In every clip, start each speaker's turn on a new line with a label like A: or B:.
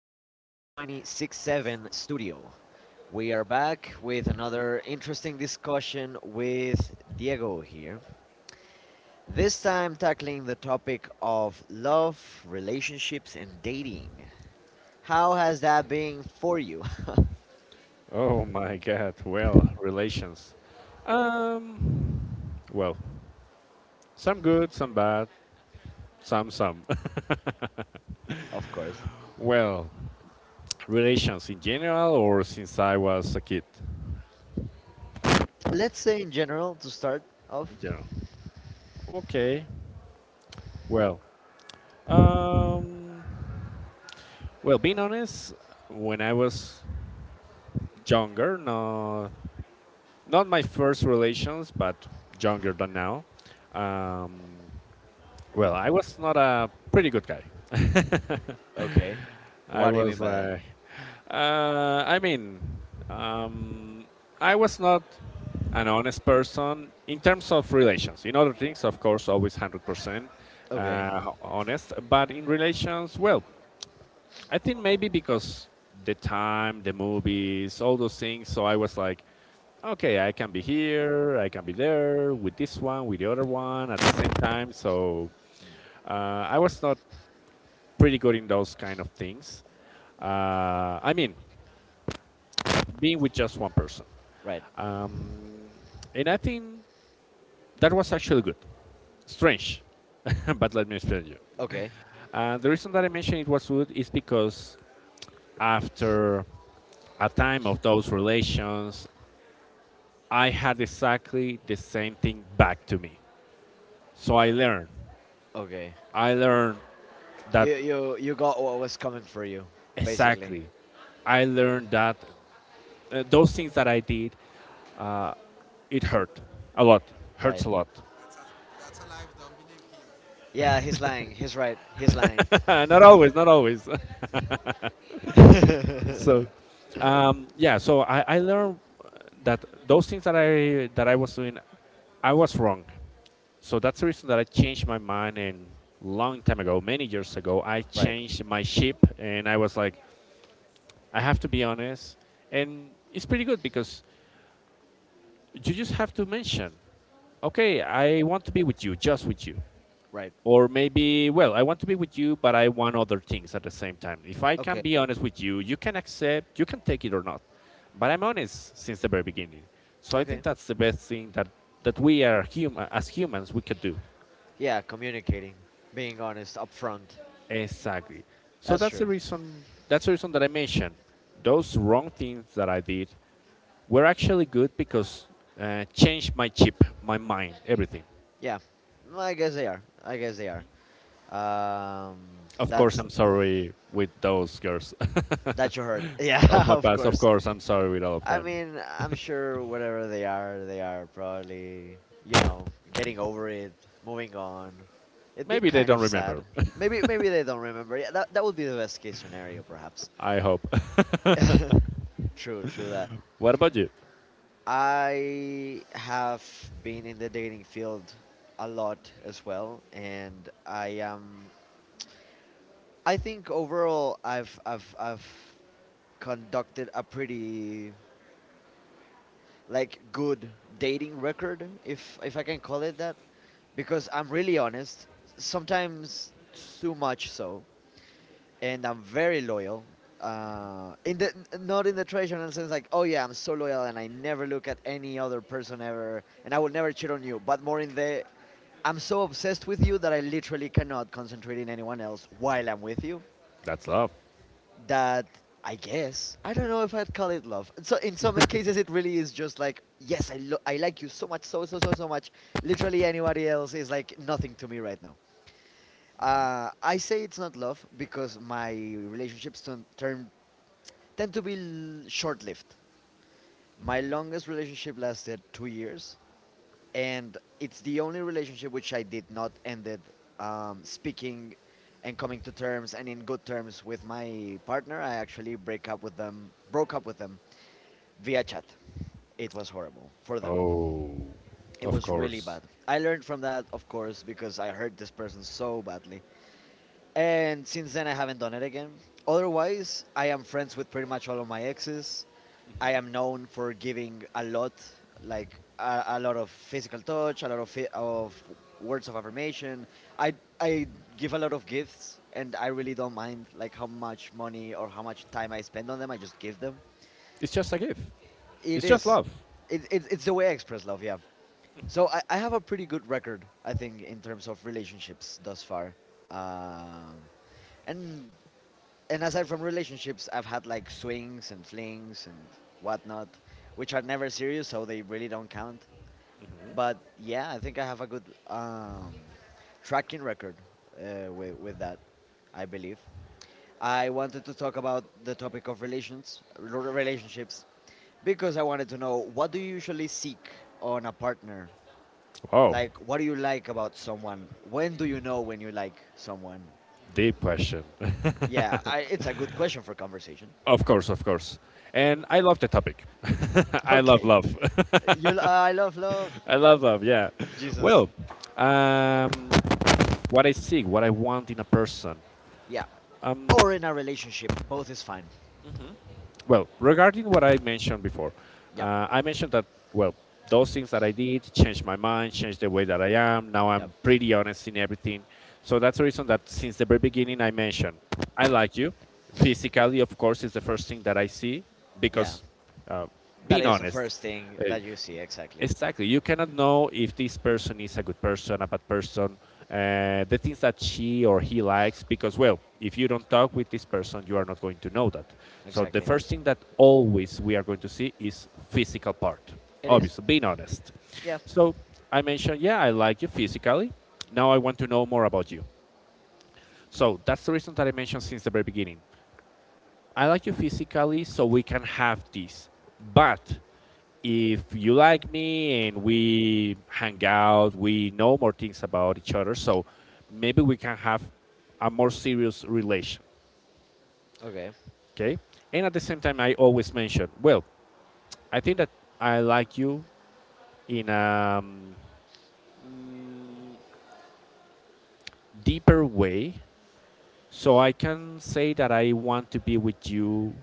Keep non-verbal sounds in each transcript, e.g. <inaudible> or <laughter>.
A: 4267 Studio. We are back with another interesting discussion with Diego here. This time tackling the topic of love, relationships, and dating. How has that been for you?
B: Oh my God. Well, relations. Um, well, some good, some bad, some.
A: <laughs> Of course.
B: <laughs> Well, relations in general or since I was a kid?
A: Let's say in general to start off.
B: In general. Okay. Well, um, being honest, when I was younger, no, not my first relations, but younger than now, um, I was not a pretty good guy.
A: Okay.
B: <laughs> I
A: What do you mean
B: was
A: by that?
B: like, I mean, um, I was not an honest person in terms of relations. In other things, of course, always 100%
A: Okay.
B: honest. But in relations, well, I think maybe because the time, the movies, all those things. So I was like, okay, I can be here, I can be there with this one, with the other one at the same time. So uh, I was not pretty good in those kind of things. I mean, being with just one person.
A: Right.
B: Um, and I think that was actually good. Strange, <laughs> but let me explain you.
A: Okay.
B: And the reason that I mentioned it was good is because after a time of those relations, I had exactly the same thing back to me. So I learned.
A: Okay.
B: I learned that
A: You got what was coming for you, basically.
B: exactly. I learned that those things that I did, it hurt a lot. Hurts
A: Right.
B: a lot.
A: Yeah, he's lying. He's right. He's lying.
B: <laughs> Not always, not always. <laughs>
A: <laughs>
B: So yeah, so I learned that those things that I was doing, I was wrong. So that's the reason that I changed my mind, and long time ago, many years ago, I
A: Right.
B: changed my ship, and I was like, I have to be honest. And it's pretty good because you just have to mention, okay, I want to be with you, just with you.
A: Right.
B: Or maybe, well, I want to be with you, but I want other things at the same time. If I can
A: Okay.
B: be honest with you, you can accept, you can take it or not. But I'm honest since the very beginning. So I think
A: Okay.
B: that's the best thing that we are human. As humans we could do.
A: Yeah, communicating, being honest, upfront.
B: Exactly. So
A: That's
B: that's the
A: true.
B: reason that's the reason that I mentioned those wrong things that I did were actually good because changed my chip, my mind, everything.
A: Yeah. Well, I guess they are. I guess they are. Um,
B: Of course,
A: that's
B: I'm sorry with those girls.
A: that you heard. <laughs>
B: <laughs> Of
A: Yeah,
B: my
A: of
B: past, of
A: course.
B: course, I'm sorry with all of
A: I
B: them.
A: mean, I'm sure whatever they are probably, you know getting over it, moving on. It'd be
B: Maybe they
A: kind
B: don't
A: of
B: remember.
A: sad.
B: <laughs>
A: Maybe maybe they don't remember. Yeah, that that would be the best case scenario, perhaps.
B: I hope.
A: <laughs> True, true that.
B: <laughs> What about you?
A: I have been in the dating field a lot as well, and I am. I think overall, I've conducted a pretty, like, good dating record, if I can call it that, because I'm really honest. Sometimes too much so, and I'm very loyal. In the not in the traditional sense, like, oh yeah, I'm so loyal and I never look at any other person ever, and I will never cheat on you. But more in the I'm so obsessed with you that I literally cannot concentrate in anyone else while I'm with you.
B: That's love.
A: That I guess I don't know if I'd call it love. So in some cases, it really is just like, yes, I I like you so much, so so so so much. Literally anybody else is like nothing to me right now. I say it's not love because my relationships turn, turn tend to be short-lived. My longest relationship lasted 2 years, and it's the only relationship which I did not ended speaking and coming to terms and in good terms with my partner. I actually break up with them, broke up with them via chat. It was horrible for them.
B: Oh,
A: It
B: of
A: was really
B: course.
A: bad. I learned from that, of course, because I hurt this person so badly. And since then, I haven't done it again. Otherwise, I am friends with pretty much all of my exes. I am known for giving a lot, like a lot of physical touch, a lot of words of affirmation. I I give a lot of gifts, and I really don't mind like how much money or how much time I spend on them. I just give them.
B: It's just a gift.
A: It
B: It's just
A: is,
B: love.
A: it it's the way I express love. Yeah. So I have a pretty good record, I think, in terms of relationships thus far. Um, and and aside from relationships, I've had like swings and flings and whatnot, which are never serious, so they really don't count. But yeah, I think I have a good tracking record with, that, I believe. I wanted to talk about the topic of relations, relationships, because I wanted to know, what do you usually seek on a partner?
B: Wow,
A: Like, what do you like about someone? When do you know when you like someone?
B: deep question.
A: Yeah, it's a good question for conversation.
B: <laughs> Of course, of course. And I love the topic. <laughs>
A: <laughs>
B: I love
A: Okay.
B: love.
A: You, I love, love
B: <laughs> I love love, yeah.
A: Jesus.
B: Well, um, what I seek, what I want in a person,
A: Yeah. Or in a relationship, both is fine.
B: well, regarding what I mentioned before,
A: Yep.
B: I mentioned that, well, those things that I did changed my mind, changed the way that I am. Now
A: Yep.
B: I'm pretty honest in everything. So that's the reason that since the very beginning, I mentioned I like you. Physically, of course, is the first thing that I see
A: Yeah.
B: because uh,
A: That
B: being
A: is the
B: honest,
A: first thing
B: uh,
A: that you see. Exactly.
B: exactly. You cannot know if this person is a good person, a bad person, the things that she or he likes, because, well, if you don't talk with this person, you are not going to know that. So, the
A: Exactly.
B: first thing that always we are going to see is physical part,
A: It is.
B: obviously, being honest.
A: Yeah.
B: So, I mentioned, yeah, I like you physically. Now I want to know more about you. So, that's the reason that I mentioned since the very beginning. I like you physically, so we can have this. But if you like me and we hang out, we know more things about each other, so maybe we can have a more serious relation,
A: Okay.
B: okay? And at the same time, I always mention, well, I think that I like you in a deeper way. So I can say that I want to be with you,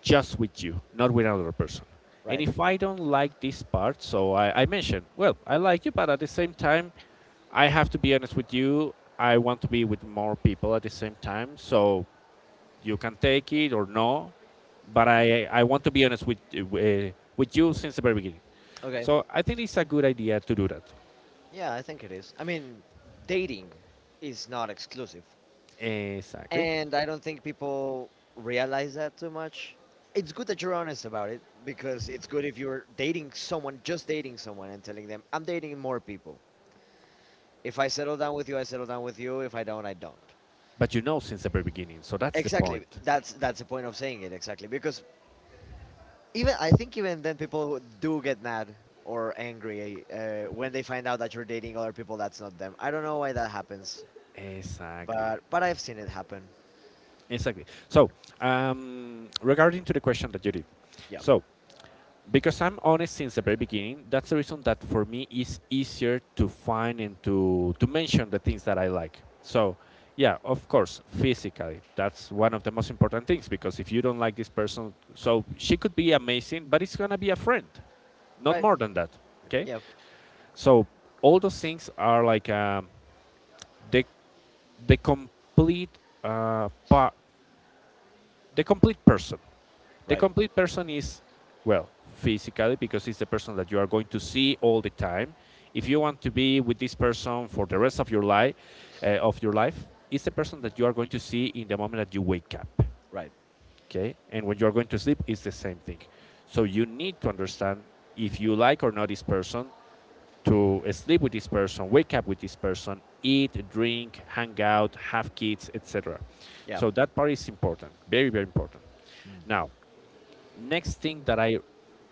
B: just with you, not with another person. And
A: Right.
B: if I don't like this part, so I mentioned, well, I like you, but at the same time, I have to be honest with you. I want to be with more people at the same time, so you can take it or no. But I want to be honest with you since the very beginning.
A: Okay.
B: So I think it's a good idea to do that.
A: Yeah, I think it is. I mean, dating is not exclusive,
B: Exactly.
A: and I don't think people realize that too much. It's good that you're honest about it because it's good if you're dating someone, just dating someone, and telling them, "I'm dating more people. If I settle down with you, I settle down with you. If I don't, I don't."
B: But you know since the very beginning, so that's the
A: Exactly.
B: point.
A: That's the point of saying it exactly because even I think even then people do get mad or angry when they find out that you're dating other people that's not them. I don't know why that happens,
B: Exactly.
A: but I've seen it happen.
B: Exactly. So, regarding to the question that you did,
A: Yeah.
B: so because I'm honest since the very beginning, that's the reason that for me it's easier to find and to mention the things that I like. So, yeah, of course, physically, that's one of the most important things because if you don't like this person, so she could be amazing, but it's gonna be a friend, not
A: Right.
B: more than that. Okay.
A: Yeah.
B: So all those things are like the the complete part, the complete person. The
A: Right.
B: complete person is, well, physically, because it's the person that you are going to see all the time. If you want to be with this person for the rest of your life, uh, of your life, it's the person that you are going to see in the moment that you wake up.
A: Right.
B: Okay, and when you are going to sleep, it's the same thing. So you need to understand if you like or not this person, to sleep with this person, wake up with this person, eat, drink, hang out, have kids, etc.
A: Yeah.
B: So that part is important, very, very important. Now, next thing that I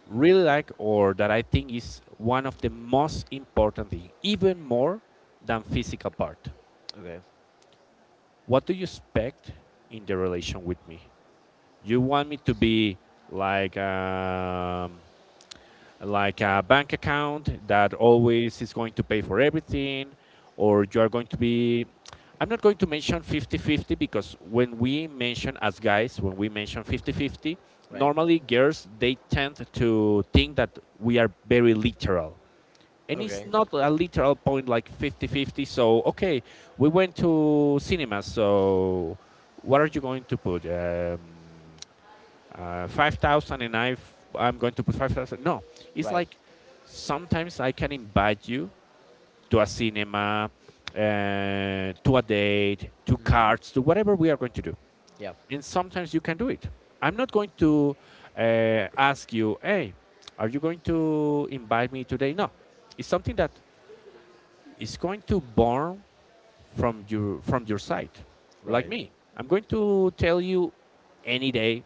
B: really like or that I think is one of the most important thing, even more than physical part.
A: Okay.
B: What do you expect in the relation with me? You want me to be like um, like a bank account that always is going to pay for everything, or you are going to be I'm not going to mention 50-50 because when we mention as guys, when we mention 50-50,
A: Right.
B: normally girls they tend to think that we are very literal, and it's
A: Okay.
B: not a literal point like 50-50. So okay, we went to cinema. So what are you going to put, 5,000, and I'm going to put 5,000. No, it's
A: Right.
B: like sometimes I can invite you to a cinema, to a date, to
A: Mm.
B: cards, to whatever we are going to do,
A: Yeah.
B: and sometimes you can do it. I'm not going to ask you, hey, are you going to invite me today? No, it's something that is going to born from your side. Like
A: Right.
B: me, I'm going to tell you any day,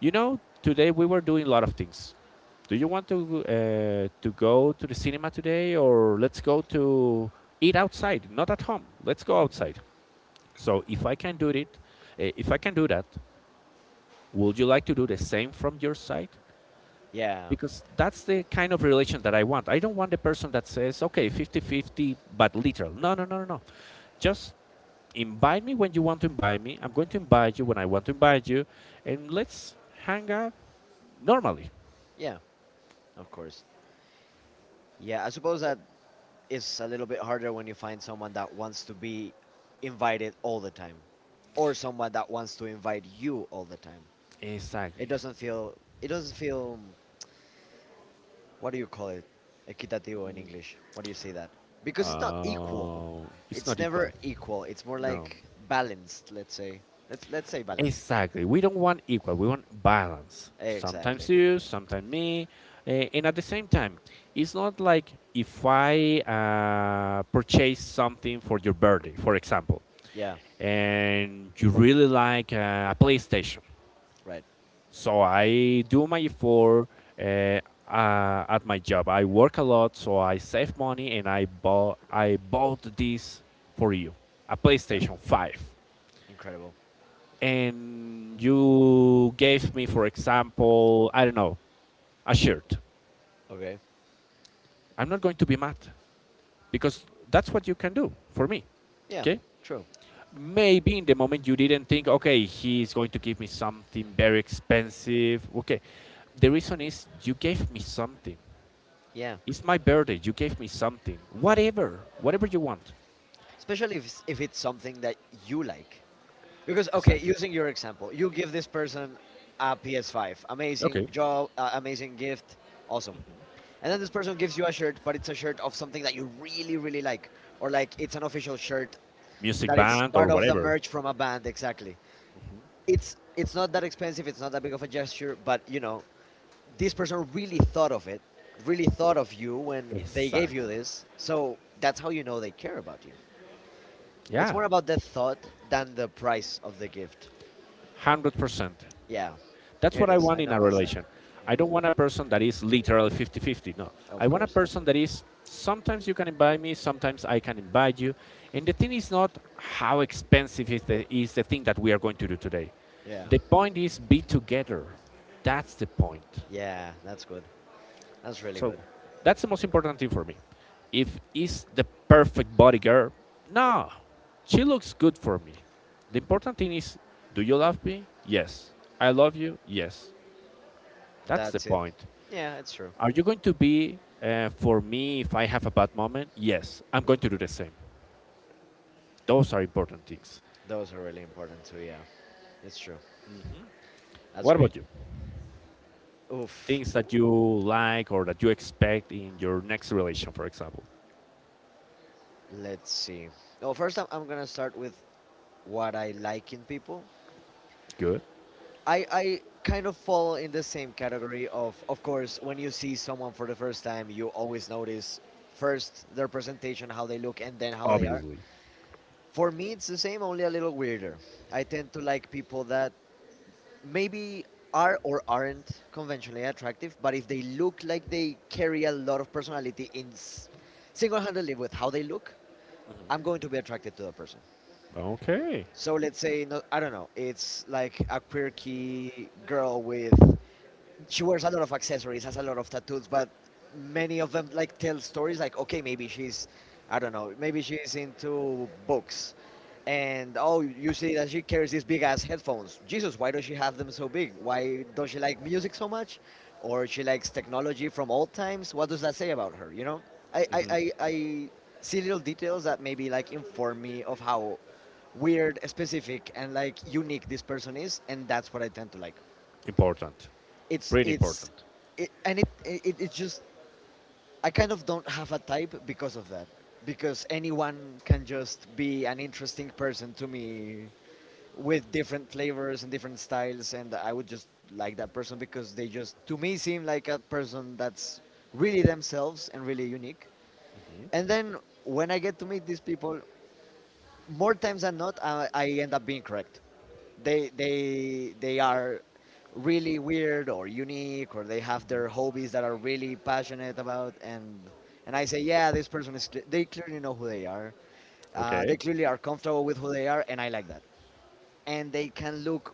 B: today we were doing a lot of things, do you want to go to the cinema today? Or let's go to eat outside, not at home, let's go
A: Hmm.
B: outside. So if I can do it, if I can do that, would you like to do the same from your side?
A: Yeah.
B: Because that's the kind of relation that I want. I don't want the person that says, okay, 50-50, but literal. No, no, no, no, no. Just invite me when you want to invite me. I'm going to invite you when I want to invite you, and let's hang out normally.
A: Yeah. Of course. Yeah. I suppose that is a little bit harder when you find someone that wants to be invited all the time or someone that wants to invite you all the time. It
B: Exactly.
A: doesn't feel it doesn't feel, what do you call it? Equitativo in English. What do you say that? Because it's not equal.
B: Uh, it's
A: It's
B: not
A: never
B: equal.
A: equal. It's more
B: No.
A: like balanced, let's say. Let's say balanced.
B: Exactly. We don't want equal. We want balance. Sometimes
A: Exactly.
B: you, sometimes me, and at the same time, it's not like if I purchase something for your birthday, for example,
A: Yeah,
B: and you really like a PlayStation.
A: right.
B: So I do my effort, uh, at my job. I work a lot, so I save money, and I bought this for you, a
A: Yeah.
B: PlayStation 5.
A: Incredible.
B: And you gave me, for example, I don't know, a shirt.
A: Okay.
B: I'm not going to be mad because that's what you can do for me.
A: Yeah,
B: Okay.
A: true.
B: Maybe in the moment you didn't think, okay, he's going to give me something very expensive. Okay. The reason is you gave me something.
A: Yeah.
B: It's my birthday. You gave me something. Whatever. Whatever you want.
A: Especially if it's something that you like. Because okay,
B: Exactly.
A: using your example, you give this person a PS5, amazing
B: Okay.
A: job, amazing gift, awesome. And then this person gives you a shirt, but it's a shirt of something that you really, really like, or like it's an official shirt
B: Music
A: that is
B: band or
A: part of the
B: whatever.
A: merch from a band. Exactly. It's not that expensive. It's not that big of a gesture, but you know, this person really thought of it, really thought of you when they gave
B: Exactly.
A: you this. So that's how you know they care about you. It's
B: Yeah.
A: more about the thought than the price of the gift.
B: 100%.
A: Yeah.
B: That's what
A: It
B: I
A: is.
B: want
A: I
B: in
A: know
B: a
A: what's like.
B: relation. I don't want a person that is literally 50-50. No. I
A: Of
B: want a
A: course.
B: person that is sometimes you can invite me, sometimes I can invite you. And the thing is not how expensive is the thing that we are going to do today.
A: Yeah.
B: The point is be together. That's the point.
A: Yeah, that's good. That's really
B: So
A: good.
B: that's the most important thing for me. If is the perfect body girl, no, she looks good for me. The important thing is, do you love me? Yes. I love you? Yes. That's the
A: That's it.
B: point.
A: Yeah, it's true.
B: Are you going to be for me if I have a bad moment? Yes. I'm going to do the same. Those are important things.
A: Those are really important too. Yeah, it's true. That's
B: What
A: great.
B: about you?
A: Oof.
B: Things that you like or that you expect in your next relation, for example.
A: Let's see. Oh, first I'm gonna start with what I like in people.
B: Good.
A: I kind of fall in the same category of course, when you see someone for the first time you always notice first their presentation, how they look, and then how they are.
B: Obviously.
A: For me it's the same, only a little weirder. I tend to like people that maybe are or aren't conventionally attractive, but if they look like they carry a lot of personality in single-handedly with how they look, I'm going to be attracted to that person.
B: Okay.
A: So let's say, no, I don't know, it's like a quirky girl with, she wears a lot of accessories, has a lot of tattoos, but many of them like tell stories, like, okay, maybe I don't know, maybe she's into books. And oh, you see that she carries these big ass headphones. Jesus, why does she have them so big? Why does she like music so much? Or she likes technology from old times? What does that say about her? You know, I, I,
B: Mhm.
A: I, I see little details that maybe like inform me of how weird, specific, and like unique this person is, and that's what I tend to like
B: Important. Pretty
A: it's
B: important.
A: it, and it, it it's just I kind of don't have a type because of that, because anyone can just be an interesting person to me with different flavors and different styles, and I would just like that person because they just to me seem like a person that's really themselves and really unique. And then when I get to meet these people, more times than not, I end up being correct. They are really weird or unique, or they have their hobbies that are really passionate about, and I say, yeah, this person is. They clearly know who they are. They
B: Okay,
A: clearly are comfortable with who they are, and I like that. And they can look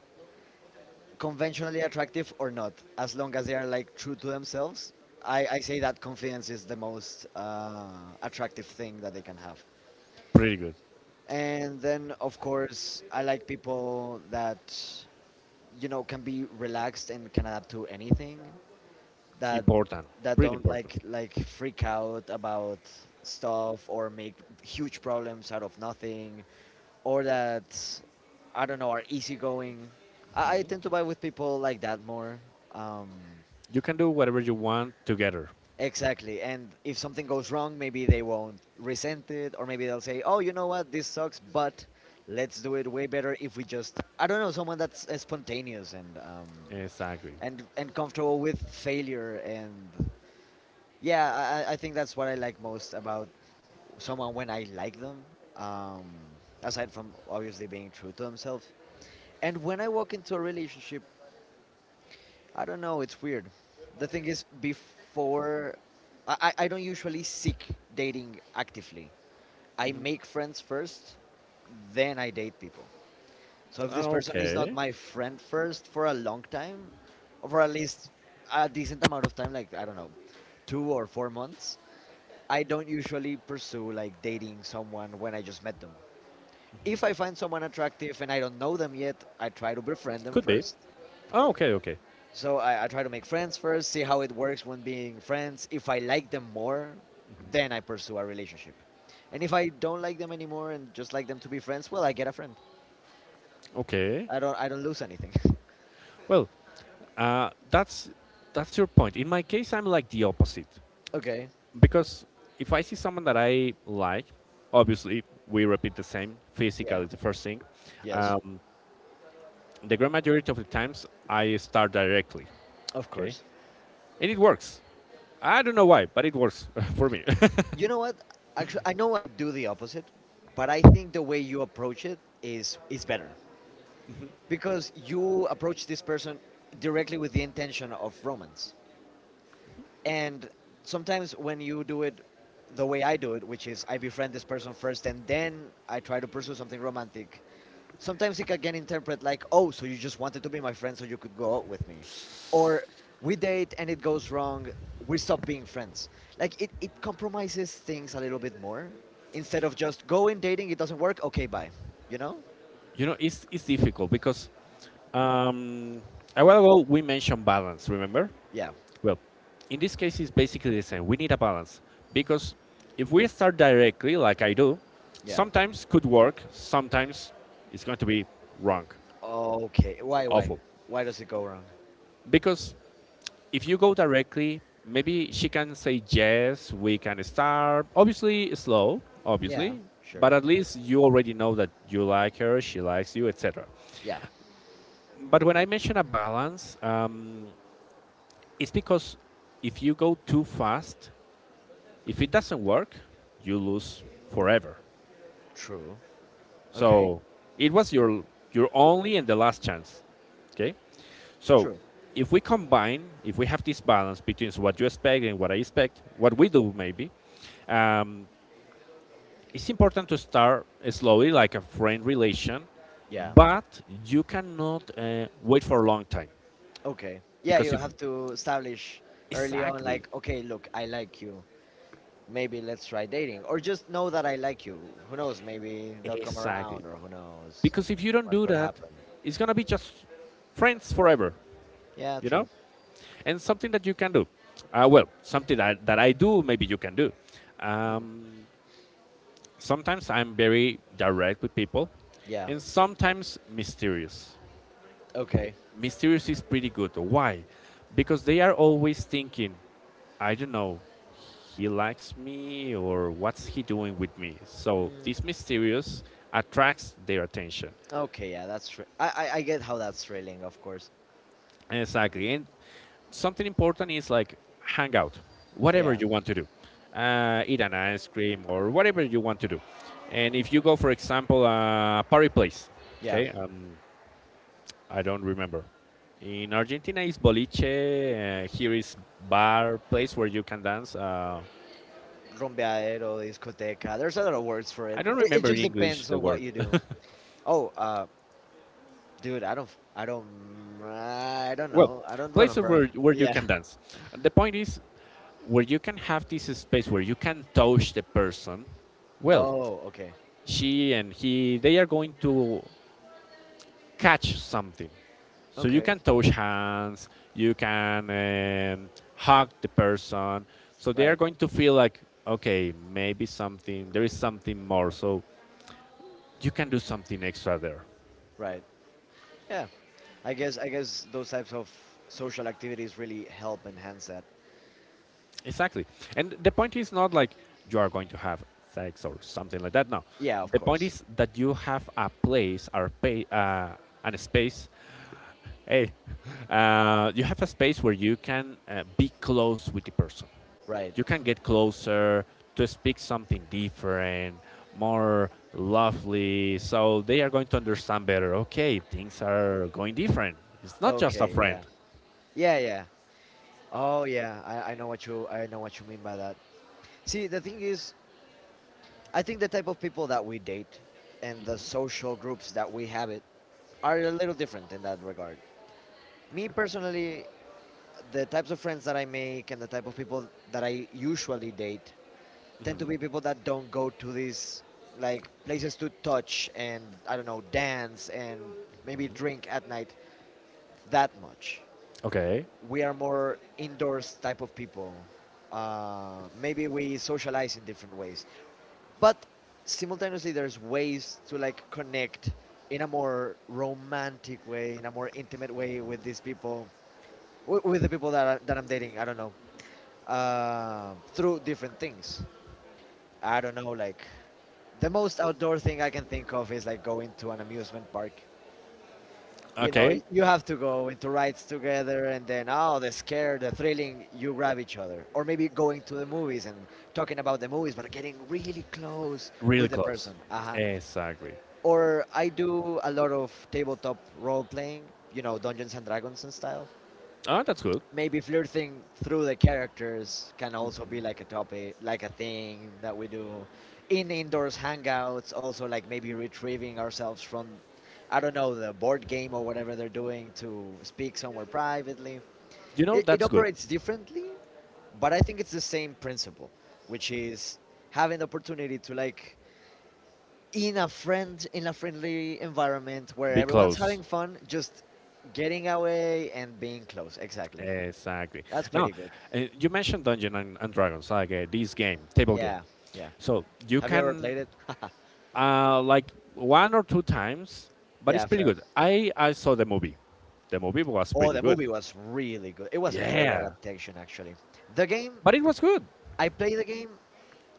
A: conventionally attractive or not, as long as they are like true to themselves. I say that confidence is the most attractive thing that they can have.
B: pretty good.
A: And then, of course, I like people that, you know, can be relaxed and can adapt to anything. That
B: Important,
A: that
B: pretty
A: don't
B: important.
A: like freak out about stuff or make huge problems out of nothing, or that, I don't know, are easygoing. I tend to vibe with people like that more. Um,
B: You can do whatever you want together.
A: Exactly. And if something goes wrong, maybe they won't resent it, or maybe they'll say, oh, you know what, this sucks, but let's do it way better if we just, I don't know, someone that's spontaneous and,
B: Exactly.
A: and comfortable with failure. And yeah, I think that's what I like most about someone when I like them, um, aside from obviously being true to themselves. And when I walk into a relationship, I don't know. It's weird. The thing is, before I don't usually seek dating actively. I make friends first, then I date people. So if this person is not
B: Okay,
A: my friend first for a long time, or for at least a decent amount of time, like I don't know, 2 or 4 months, I don't usually pursue like dating someone when I just met them. If I find someone attractive and I don't know them yet, I try to befriend them
B: could be.
A: first.
B: Oh, okay, okay,
A: So I try to make friends first, see how it works when being friends. If I like them more, then I pursue a relationship. And if I don't like them anymore and just like them to be friends, well, I get a friend.
B: okay.
A: I don't lose anything.
B: Well, uh, that's that's your point. In my case, I'm like the opposite
A: <laughs> Okay.
B: because if I see someone that I like, obviously we repeat the same. Physical
A: Yeah.
B: is the first thing.
A: Yes.
B: Um, the grand majority of the times, I start directly.
A: Of
B: Okay,
A: course.
B: and it works. I don't know why, but it works <laughs> for me. <laughs>
A: You know what? Actually, I know I do the opposite, but I think the way you approach it is better, because you approach this person directly with the intention of romance. And sometimes when you do it the way I do it, which is I befriend this person first and then I try to pursue something romantic, sometimes it can get interpreted like, oh, so you just wanted to be my friend so you could go out with me. Or we date and it goes wrong, we stop being friends. Like it compromises things a little bit more, instead of just going dating, it doesn't work, okay, bye. You know?
B: It's difficult because Um, a while ago, we mentioned balance, remember?
A: Yeah,
B: Well, in this case, it's basically the same. We need a balance because if we start directly, like I do,
A: yeah.
B: sometimes could work, sometimes it's going to be wrong,
A: Okay, why, why?
B: awful.
A: Why does it go wrong?
B: Because if you go directly, maybe she can say yes, we can start. Obviously, slow,
A: Yeah,
B: obviously,
A: sure.
B: but at least you already know that you like her, she likes you, etc.
A: Yeah,
B: But when I mention a balance, it's because if you go too fast, if it doesn't work, you lose forever.
A: true. Okay.
B: So it was your only and the last chance. Okay. So
A: True.
B: if we combine, if we have this balance between what you expect and what I expect, what we do maybe, um, it's important to start slowly, like a friend relation,
A: Yeah.
B: but you cannot wait for a long time
A: Okay. Yeah,
B: because
A: you
B: if
A: have to establish early on,
B: exactly,
A: like, okay, look, I like you. Maybe let's try dating, or just know that I like you. Who knows? Maybe they'll come
B: exactly,
A: around, or who knows
B: because if you don't
A: what
B: do
A: could
B: that,
A: happen.
B: it's gonna be just friends forever,
A: Yeah.
B: you
A: True.
B: know. And something that you can do, well, something that I do, maybe you can do. Um, sometimes I'm very direct with people,
A: Yeah.
B: and sometimes mysterious.
A: Okay.
B: Mysterious is pretty good. Why? Because they are always thinking, I don't know, he likes me or what's he doing with me, so
A: Mm,
B: this mysterious attracts their attention
A: okay. Yeah. That's true. I get how that's thrilling, of course.
B: exactly, and something important is like hang out, whatever
A: Yeah.
B: you want to do, eat an ice cream or whatever you want to do. And if you go, for example, a party place,
A: Yeah.
B: okay, I don't remember. In Argentina is boliche. Here is bar place where you can dance.
A: Rompeadero, discoteca. There's a lot of words for it.
B: I don't
A: It
B: remember in
A: just
B: English
A: depends
B: the
A: on what
B: word.
A: you do.
B: <laughs>
A: Oh, dude, I don't. F- I don't. I don't
B: Well,
A: know. I don't
B: places
A: remember.
B: where
A: <laughs>
B: you
A: Yeah.
B: can dance. The point is where you can have this space where you can touch the person. Well,
A: Oh, okay.
B: she and he, they are going to catch something. So you
A: Okay.
B: can touch hands, you can hug the person. So they are
A: Right.
B: going to feel like, okay, maybe something, there is something more. So you can do something extra there.
A: Right. Yeah. I guess those types of social activities really help enhance that.
B: Exactly. And the point is not like you are going to have sex or something like that. No.
A: Yeah, of
B: The point
A: course.
B: is that you have a place or pay, and a space. Hey, <laughs> you have a space where you can be close with the person.
A: Right.
B: You can get closer to speak something different, more lovely. So they are going to understand better. Okay, things are going different. It's not just a
A: Okay,
B: friend.
A: yeah. Yeah, yeah. Oh yeah, I know what you mean by that. See, the thing is, I think the type of people that we date and the social groups that we habit are a little different in that regard. Me personally, the types of friends that I make and the type of people that I usually date tend to be people that don't go to these like places to touch and I don't know dance and maybe drink at night that much.
B: Okay.
A: We are more indoors type of people. Maybe we socialize in different ways, but simultaneously there's ways to like connect in a more romantic way, in a more intimate way with these people, with the people that I'm dating. I don't know, through different things. I don't know, like the most outdoor thing I can think of is like going to an amusement park. You know, y-
B: Okay,
A: you have to go into rides together, and then oh, the scare, the thrilling, you grab each other, or maybe going to the movies and talking about the movies, but getting really close
B: really
A: with the
B: close.
A: person. Uh huh.
B: Exactly.
A: Or I do a lot of tabletop role playing. You know, Dungeons and Dragons and style,
B: Oh, that's good.
A: maybe flirting through the characters can also be like a topic, like a thing that we do in indoors hangouts. Also, like maybe retrieving ourselves from, I don't know, the board game or whatever they're doing to speak somewhere privately.
B: You know,
A: It
B: that's good.
A: operates differently, but I think it's the same principle, which is having the opportunity to like in a friendly environment where
B: Be
A: everyone's
B: close.
A: having fun, just getting away and being close. Exactly.
B: Exactly.
A: That's
B: Now,
A: pretty good.
B: you mentioned Dungeon and Dragons, like this game, table game.
A: Yeah, yeah.
B: So you
A: Have you ever
B: can
A: played it? <laughs>
B: like one or two times, but it's
A: Yeah,
B: pretty
A: fair.
B: good. I saw the movie. The movie was
A: Oh,
B: pretty
A: the
B: good.
A: movie was really good. It was a great
B: Yeah,
A: adaptation, actually. The game,
B: but it was good.
A: I play the game.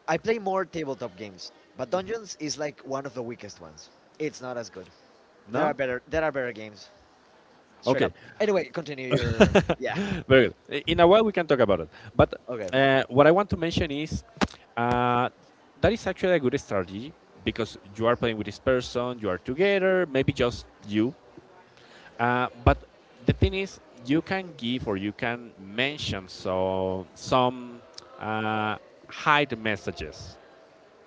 A: I play more tabletop games, but Dungeons is like one of the weakest ones. It's not as good. There are
B: No,
A: better. There are better games. Straight
B: okay,
A: up. Anyway, continue your. Yeah.
B: very good. I- In a while we can talk about it. But
A: Okay.
B: what I want to mention is uh, that is actually a good strategy because you are playing with this person, you are together, maybe just you. But the thing is, you can give or you can mention so some uh, hide messages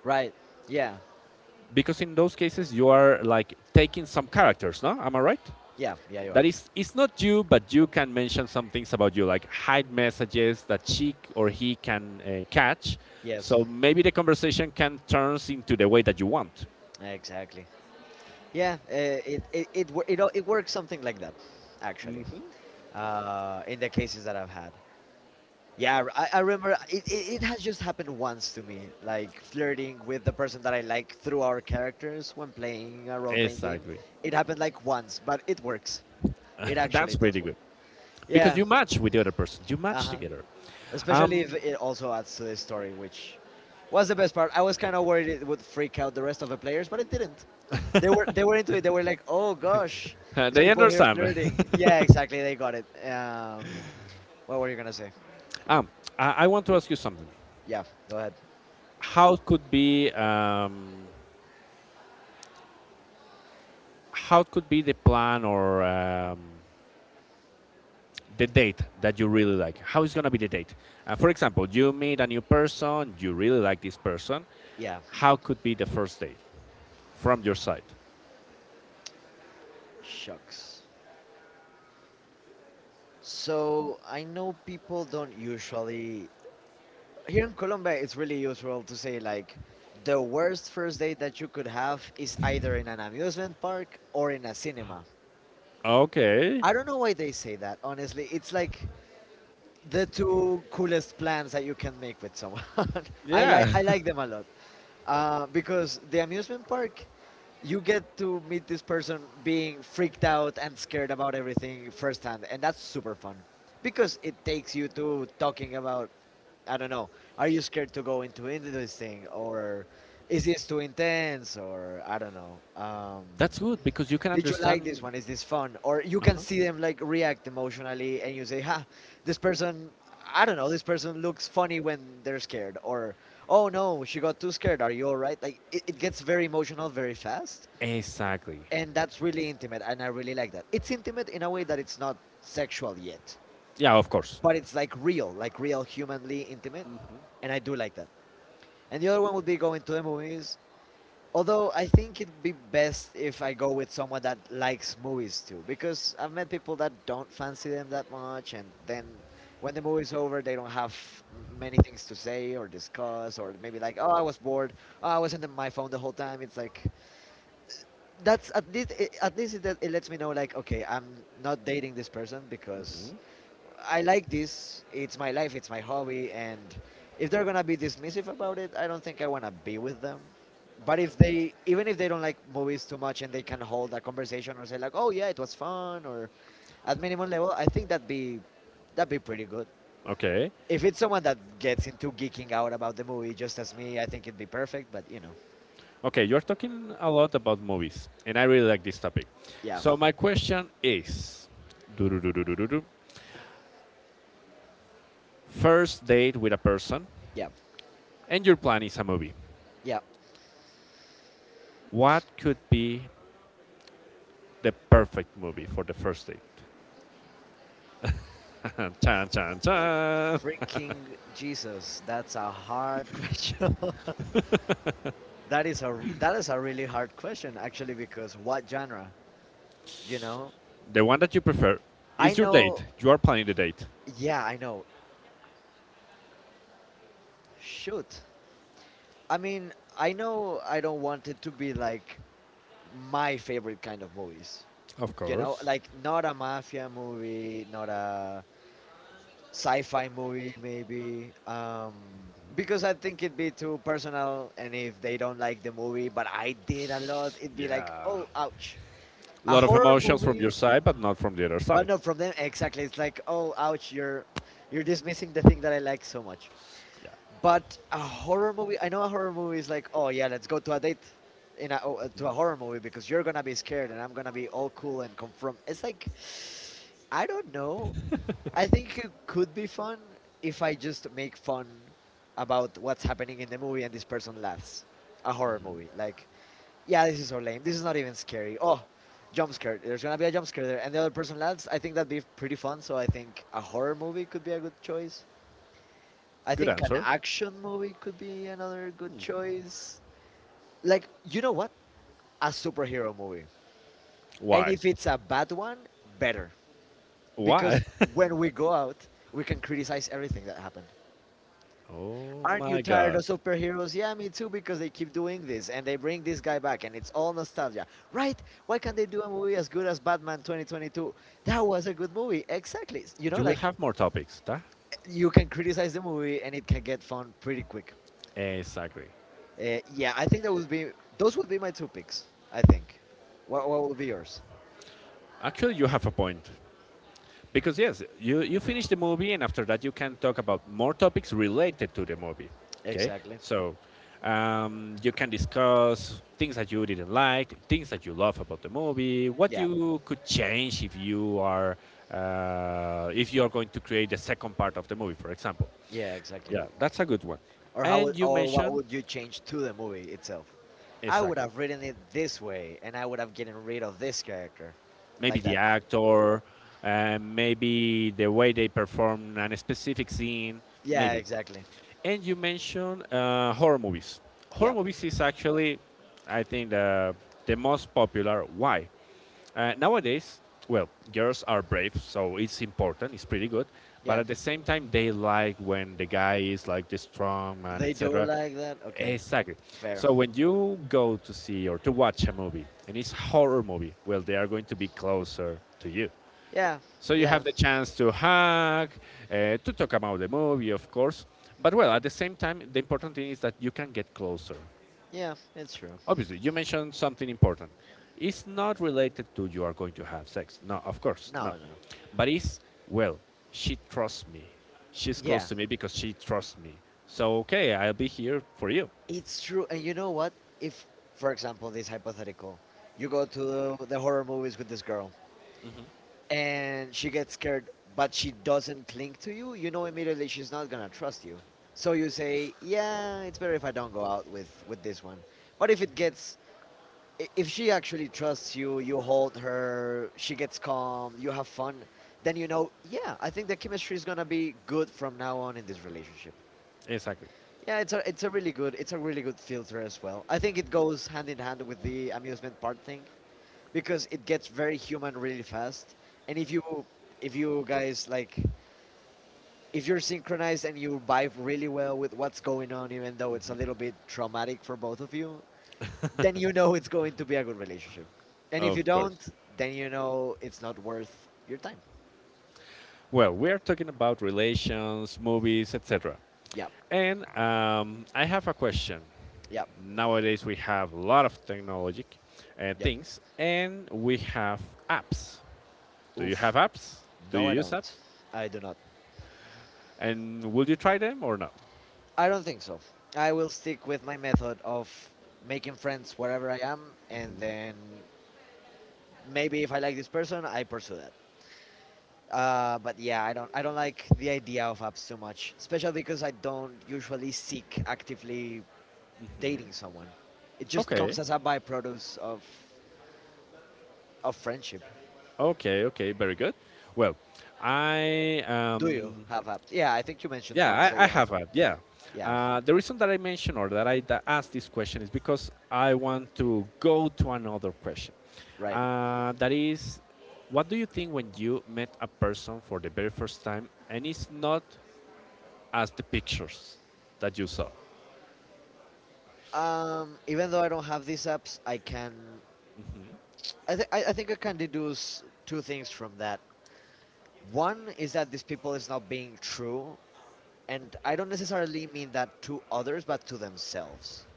A: Right. Yeah.
B: because in those cases you are like taking some characters, no, am I right?
A: Yeah. Yeah. You are.
B: That is it's not you, but you can mention some things about you like hide messages that she or he can catch,
A: Yes.
B: so maybe the conversation can turns into the way that you want
A: Exactly. Yeah. It, it it wo- it o- it works something like that, actually. In the cases that I've had. Yeah, I remember, it has just happened once to me, like flirting with the person that I like through our characters when playing a role playing game.
B: exactly.
A: It happened like once, but it works. It actually
B: That's
A: does
B: pretty
A: work.
B: good because
A: Yeah,
B: you match with the other person, you
A: uh
B: match
A: huh.
B: together.
A: Especially if it also adds to the story, which was the best part. I was kind of worried it would freak out the rest of the players, but it didn't. They were into it. They were like, "Oh gosh, these
B: They
A: people here
B: understand. <laughs>
A: flirting." Yeah, exactly. They got it. What were you gonna say?
B: I want to ask you something.
A: Yeah, go ahead.
B: How could be how could be the plan or the date that you really like. How is gonna be the date? For example, you meet a new person, you really like this person.
A: Yeah,
B: How could be the first date from your side?
A: shucks. So I know people don't usually here in Colombia. It's really usual to say like the worst first date that you could have is either in an amusement park or in a cinema.
B: Okay.
A: I don't know why they say that. Honestly, it's like the two coolest plans that you can make with someone. <laughs> I like
B: Yeah,
A: I like them a lot, because the amusement park, you get to meet this person being freaked out and scared about everything firsthand, and that's super fun because it takes you to talking about, I don't know, are you scared to go into this thing, or is this too intense, or I don't know.
B: <laughs> that's good because you can
A: Did you like this
B: understand.
A: one? Is this fun? Or you can
B: Uh-huh.
A: see them like react emotionally and you say, ha, this person, I don't know, this person looks funny when they're scared. Or, oh no, she got too scared. Are you all right? Like it gets very emotional very fast.
B: Exactly.
A: And that's really intimate. And I really like that. It's intimate in a way that it's not sexual yet,
B: Yeah, of course.
A: but it's like real humanly intimate. And I do like that. And the other one would be going to the movies. Although I think it'd be best if I go with someone that likes movies too, because I've met people that don't fancy them that much, and then when the movie's over, they don't have many things to say or discuss, or maybe like, oh, I was bored, oh, I was my phone the whole time. It's like, that's at least it lets me know, like, okay, I'm not dating this person because I like this, it's my life, it's my hobby, and if they're gonna be dismissive about it, I don't think I wanna be with them. But if they even if they don't like movies too much and they can hold a conversation or say like, oh yeah, it was fun, or at minimum level, I think that'd be pretty good.
B: Okay.
A: If it's someone that gets into geeking out about the movie just as me, I think it'd be perfect, but you know.
B: Okay, you're talking a lot about movies, and I really like this topic.
A: Yeah,
B: So my question is, do-do-do-do-do-do-do, first date with a person,
A: yeah,
B: and your plan is a movie.
A: yeah.
B: What could be the perfect movie for the first date. <laughs> Chan, chan, chan.
A: Freaking Jesus, that's a hard <laughs> question. <laughs> That is a really hard question, actually, because what genre, you know?
B: The one that you prefer
A: I
B: is your
A: know,
B: date. You are planning the date.
A: yeah, I know. Shoot. I mean, I know I don't want it to be like my favorite kind of movies.
B: Of
A: You know,
B: course.
A: like not a mafia movie, not a sci-fi movie maybe. Because I think it'd be too personal, and if they don't like the movie, but I did a lot, it'd be like,
B: Yeah.
A: "Oh, ouch."
B: A
A: A
B: lot of
A: horror
B: emotions from your
A: movie,
B: side, but not from the other
A: but
B: side.
A: not from them exactly. It's like, oh, ouch, you're dismissing the thing that I like so much.
B: Yeah.
A: But a horror movie, I know a horror movie is like, oh yeah, let's go to a date to a horror movie, because you're gonna be scared and I'm gonna be all cool and confront. It's like, I don't know. I think it could be fun if I just make fun about what's happening in the movie and this person laughs. A horror movie, like yeah, this is so lame. This is not even scary. Oh, jump scare. There's gonna be a jump scare there, and the other person laughs. I think that'd be pretty fun. So I think a horror movie could be a good choice. I
B: Good
A: think an
B: answer.
A: action movie could be another good choice. Like, you know what? A superhero movie, and
B: Why?
A: if it's a bad one, better, because
B: Why? <laughs>
A: when we go out, we can criticize everything that happened.
B: Oh
A: Aren't you
B: my
A: tired of
B: God.
A: superheroes? Yeah, me too, because they keep doing this and they bring this guy back and it's all nostalgia. Right? Why can't they do a movie as good as Batman 2022? That was a good movie. Exactly. You know,
B: You will
A: like
B: have more topics, ta?
A: you can criticize the movie and it can get fun pretty quick.
B: Exactly.
A: Yeah, I think that would be those would be my two picks, I think. What would be yours?
B: Actually, you have a point. Because yes, you finish the movie and after that you can talk about more topics related to the movie. Okay,
A: Exactly.
B: so you can discuss things that you didn't like, things that you love about the movie, what
A: Yeah.
B: you could change if you are going to create the second part of the movie, for example.
A: Yeah, exactly.
B: Yeah, that's a good one.
A: Or
B: And you
A: what
B: mentioned
A: would you change to the movie itself? I would
B: exactly,
A: have written it this way and I would have gotten rid of this character
B: maybe
A: like
B: the
A: that.
B: actor, maybe the way they perform a specific scene,
A: Yeah,
B: maybe.
A: exactly.
B: And you mentioned horror movies. Horror
A: Yeah,
B: movies is actually, I think, the most popular. Why? Nowadays, well, girls are brave, so it's important. It's pretty good. But
A: yeah.
B: at the same time, they like when the guy is like the strong man,
A: They do it
B: etc.
A: like that? Okay,
B: Exactly.
A: fair.
B: So when you go to see or to watch a movie and it's horror movie, well, they are going to be closer to you.
A: Yeah,
B: So you have
A: yeah,
B: the chance to hug, to talk about the movie, of course. But well, at the same time, the important thing is that you can get closer.
A: yeah, it's true.
B: Obviously, you mentioned something important. It's not related to you are going to have sex. No, of course, no.
A: No, no.
B: But it's, well, she trusts me. She's
A: Yeah,
B: close to me because she trusts me. So, okay, I'll be here for you.
A: it's true. And you know what? If, for example, this hypothetical, you go to the horror movies with this girl and she gets scared, but she doesn't cling to you, you know immediately she's not gonna trust you. So you say, yeah, it's better if I don't go out with, this one. But if it gets if she actually trusts you, you hold her, she gets calm, you have fun, then you know, yeah, I think the chemistry is gonna be good from now on in this relationship.
B: Exactly.
A: Yeah, it's a really good it's a really good filter as well. I think it goes hand in hand with the amusement part thing because it gets very human really fast. And if you guys like if you're synchronized and you vibe really well with what's going on, even though it's a little bit traumatic for both of you, then you know it's going to be a good relationship. And if you
B: Of
A: don't,
B: course.
A: then you know it's not worth your time.
B: Well, we're talking about relations, movies, etc.
A: Yep,
B: And I have a question.
A: yep,
B: Nowadays, we have a lot of technology
A: yep.
B: things, and we have apps. Do you
A: Oof.
B: have apps? Do
A: No,
B: you
A: I
B: use apps?
A: don't. I do not.
B: And will you try them or not?
A: I don't think so. I will stick with my method of making friends wherever I am, and then maybe if I like this person, I pursue that. But yeah, I don't. I don't like the idea of apps too much, especially because I don't usually seek actively dating someone. It just
B: Okay,
A: comes as a byproduct of friendship.
B: okay, okay, very good. Well, I
A: Do you have apps? Yeah, I think you mentioned once
B: yeah,
A: that
B: I
A: you have
B: have
A: one.
B: a yeah.
A: Yeah,
B: The reason that I mention or that asked this question is because I want to go to another question.
A: right.
B: That is, what do you think when you met a person for the very first time and it's not as the pictures that you saw.
A: Even though I don't have these apps, I can. I think I can deduce two things from that. One is that these people is not being true, and I don't necessarily mean that to others, but to themselves.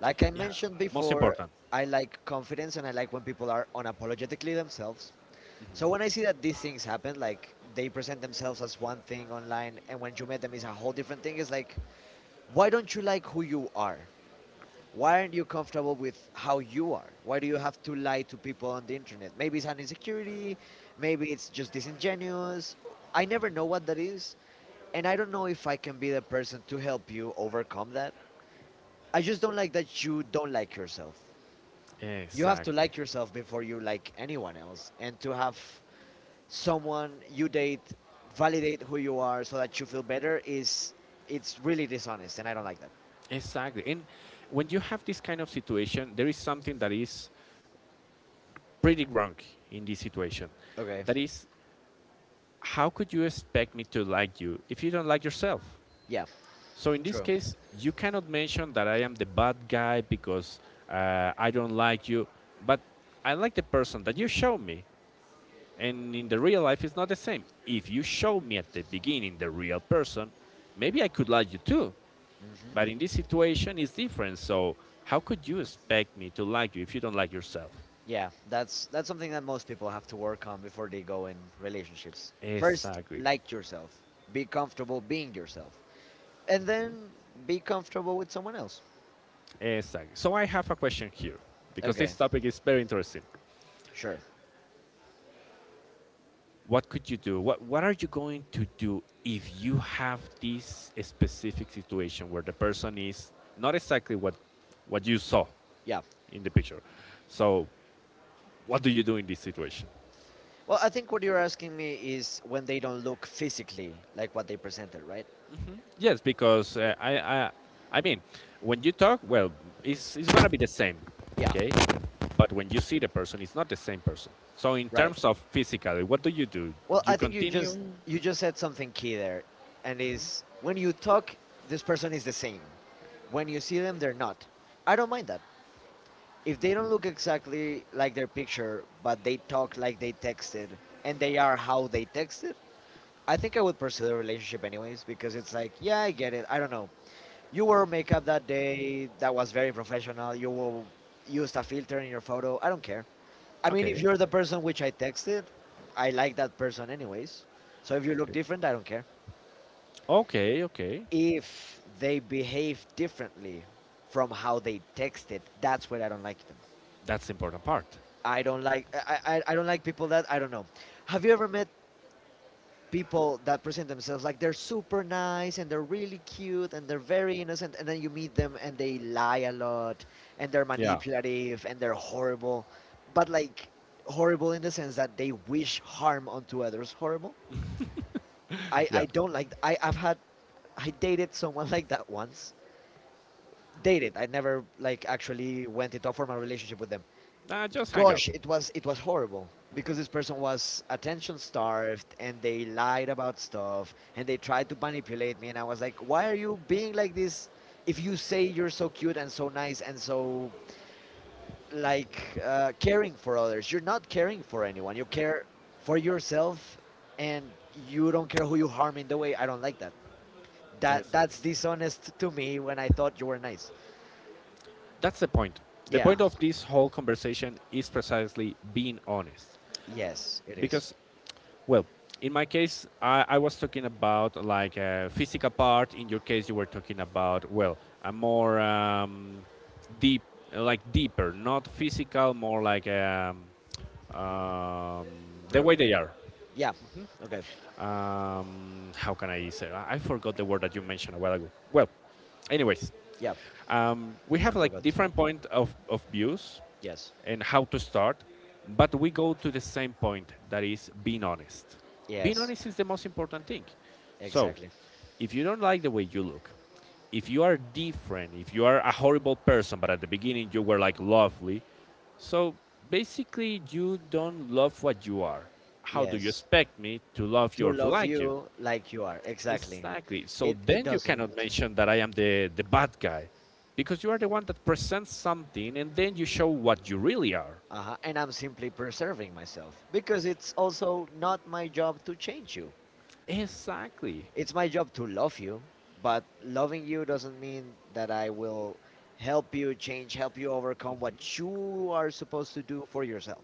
A: Like I
B: Yeah.
A: mentioned
B: Most
A: before,
B: important.
A: I like confidence and I like when people are unapologetically themselves. So when I see that these things happen, like they present themselves as one thing online, and when you meet them is a whole different thing, it's like, why don't you like who you are? Why aren't you comfortable with how you are? Why do you have to lie to people on the internet? Maybe it's an insecurity, maybe it's just disingenuous. I never know what that is, and I don't know if I can be the person to help you overcome that. I just don't like that you don't like yourself. You have to
B: Exactly.
A: like yourself before you like anyone else, and to have someone you date validate who you are so that you feel better is, it's really dishonest and I don't like that.
B: Exactly. And when you have this kind of situation, there is something that is pretty wrong in this situation.
A: Okay.
B: That is, how could you expect me to like you if you don't like yourself?
A: Yeah,
B: So in this
A: true.
B: case, you cannot mention that I am the bad guy because I don't like you, but I like the person that you show me. And in the real life, it's not the same. If you show me at the beginning the real person, maybe I could like you too. But in this situation, it's different. So how could you expect me to like you if you don't like yourself?
A: Yeah, that's something that most people have to work on before they go in relationships. First,
B: Exactly.
A: like yourself. Be comfortable being yourself. And then be comfortable with someone else.
B: Exactly. So I have a question here because
A: Okay,
B: this topic is very interesting.
A: sure.
B: What could you do? What are you going to do if you have this specific situation where the person is not exactly what you saw
A: Yeah.
B: in the picture? So what do you do in this situation?
A: Well, I think what you're asking me is when they don't look physically like what they presented, right?
B: Yes, because I mean, when you talk, well, it's gonna be the same,
A: Yeah,
B: okay? But when you see the person, it's not the same person. So in
A: right.
B: terms of physically, what do?
A: Well,
B: You
A: I think
B: continue?
A: you just said something key there and is when you talk, this person is the same. When you see them they're not. I don't mind that. If they don't look exactly like their picture, but they talk like they texted and they are how they texted, I think I would pursue the relationship anyways because it's like, yeah, I get it. I don't know. You wore makeup that day that was very professional. You will used a filter in your photo. I don't care. I mean, if
B: Okay,
A: you're the person which I texted, I like that person anyways. So if you look
B: okay,
A: different, I don't care.
B: okay, okay.
A: If they behave differently from how they texted, that's where I don't like them.
B: That's the important part.
A: I don't like people that I don't know. Have you ever met people that present themselves like they're super nice and they're really cute and they're very innocent and then you meet them and they lie a lot and they're
B: Yeah,
A: manipulative and they're horrible, but like horrible in the sense that they wish harm onto others. Horrible.
B: yeah.
A: I don't like I I've had I dated someone <laughs> like that once. Dated. I never like actually went it off for my relationship with them.
B: Nah, just hang
A: Gosh
B: out.
A: it was horrible because this person was attention starved and they lied about stuff and they tried to manipulate me and I was like, why are you being like this? If you say you're so cute and so nice and so like caring for others, you're not caring for anyone, you care for yourself and you don't care who you harm in the way. I don't like that that
B: Exactly.
A: that's dishonest to me when I thought you were nice.
B: That's the point. The
A: Yeah,
B: point of this whole conversation is precisely being honest,
A: yes it is.
B: because well, in my case, I was talking about like a physical part. In your case, you were talking about well, a more deep, like deeper, not physical, more like um, the
A: Pro-
B: way they are.
A: yeah, okay.
B: How can I say? I forgot the word that you mentioned a while ago. Well, anyways,
A: Yeah,
B: we
A: I
B: have like
A: forgot to.
B: different point of views
A: Yes.
B: and how to start, but we go to the same point that is being honest. Being
A: Yes.
B: honest is the most important thing. So,
A: Exactly.
B: if you don't like the way you look, if you are different, if you are a horrible person, but at the beginning you were like lovely, so basically you don't love what you are. How do you
A: Yes.
B: expect me to love you
A: To
B: or to
A: love
B: like you?
A: you like you are. Exactly.
B: Exactly. So
A: It
B: then you cannot
A: doesn't.
B: mention that I am the bad guy because you are the one that presents something and then you show what you really are.
A: Uh-huh. And I'm simply preserving myself because it's also not my job to change you.
B: Exactly.
A: It's my job to love you, but loving you doesn't mean that I will help you change, help you overcome what you are supposed to do for yourself.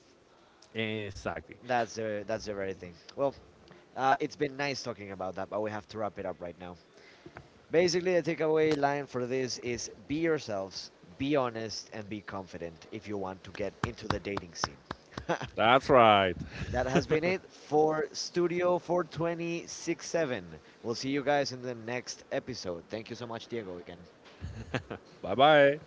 B: Exactly.
A: That's the very thing. Well, it's been nice talking about that, but we have to wrap it up right now. Basically, the takeaway line for this is be yourselves, be honest, and be confident if you want to get into the dating scene.
B: That's right.
A: <laughs> That has been it for Studio 4267. We'll see you guys in the next episode. Thank you so much, Diego, again.
B: Bye bye.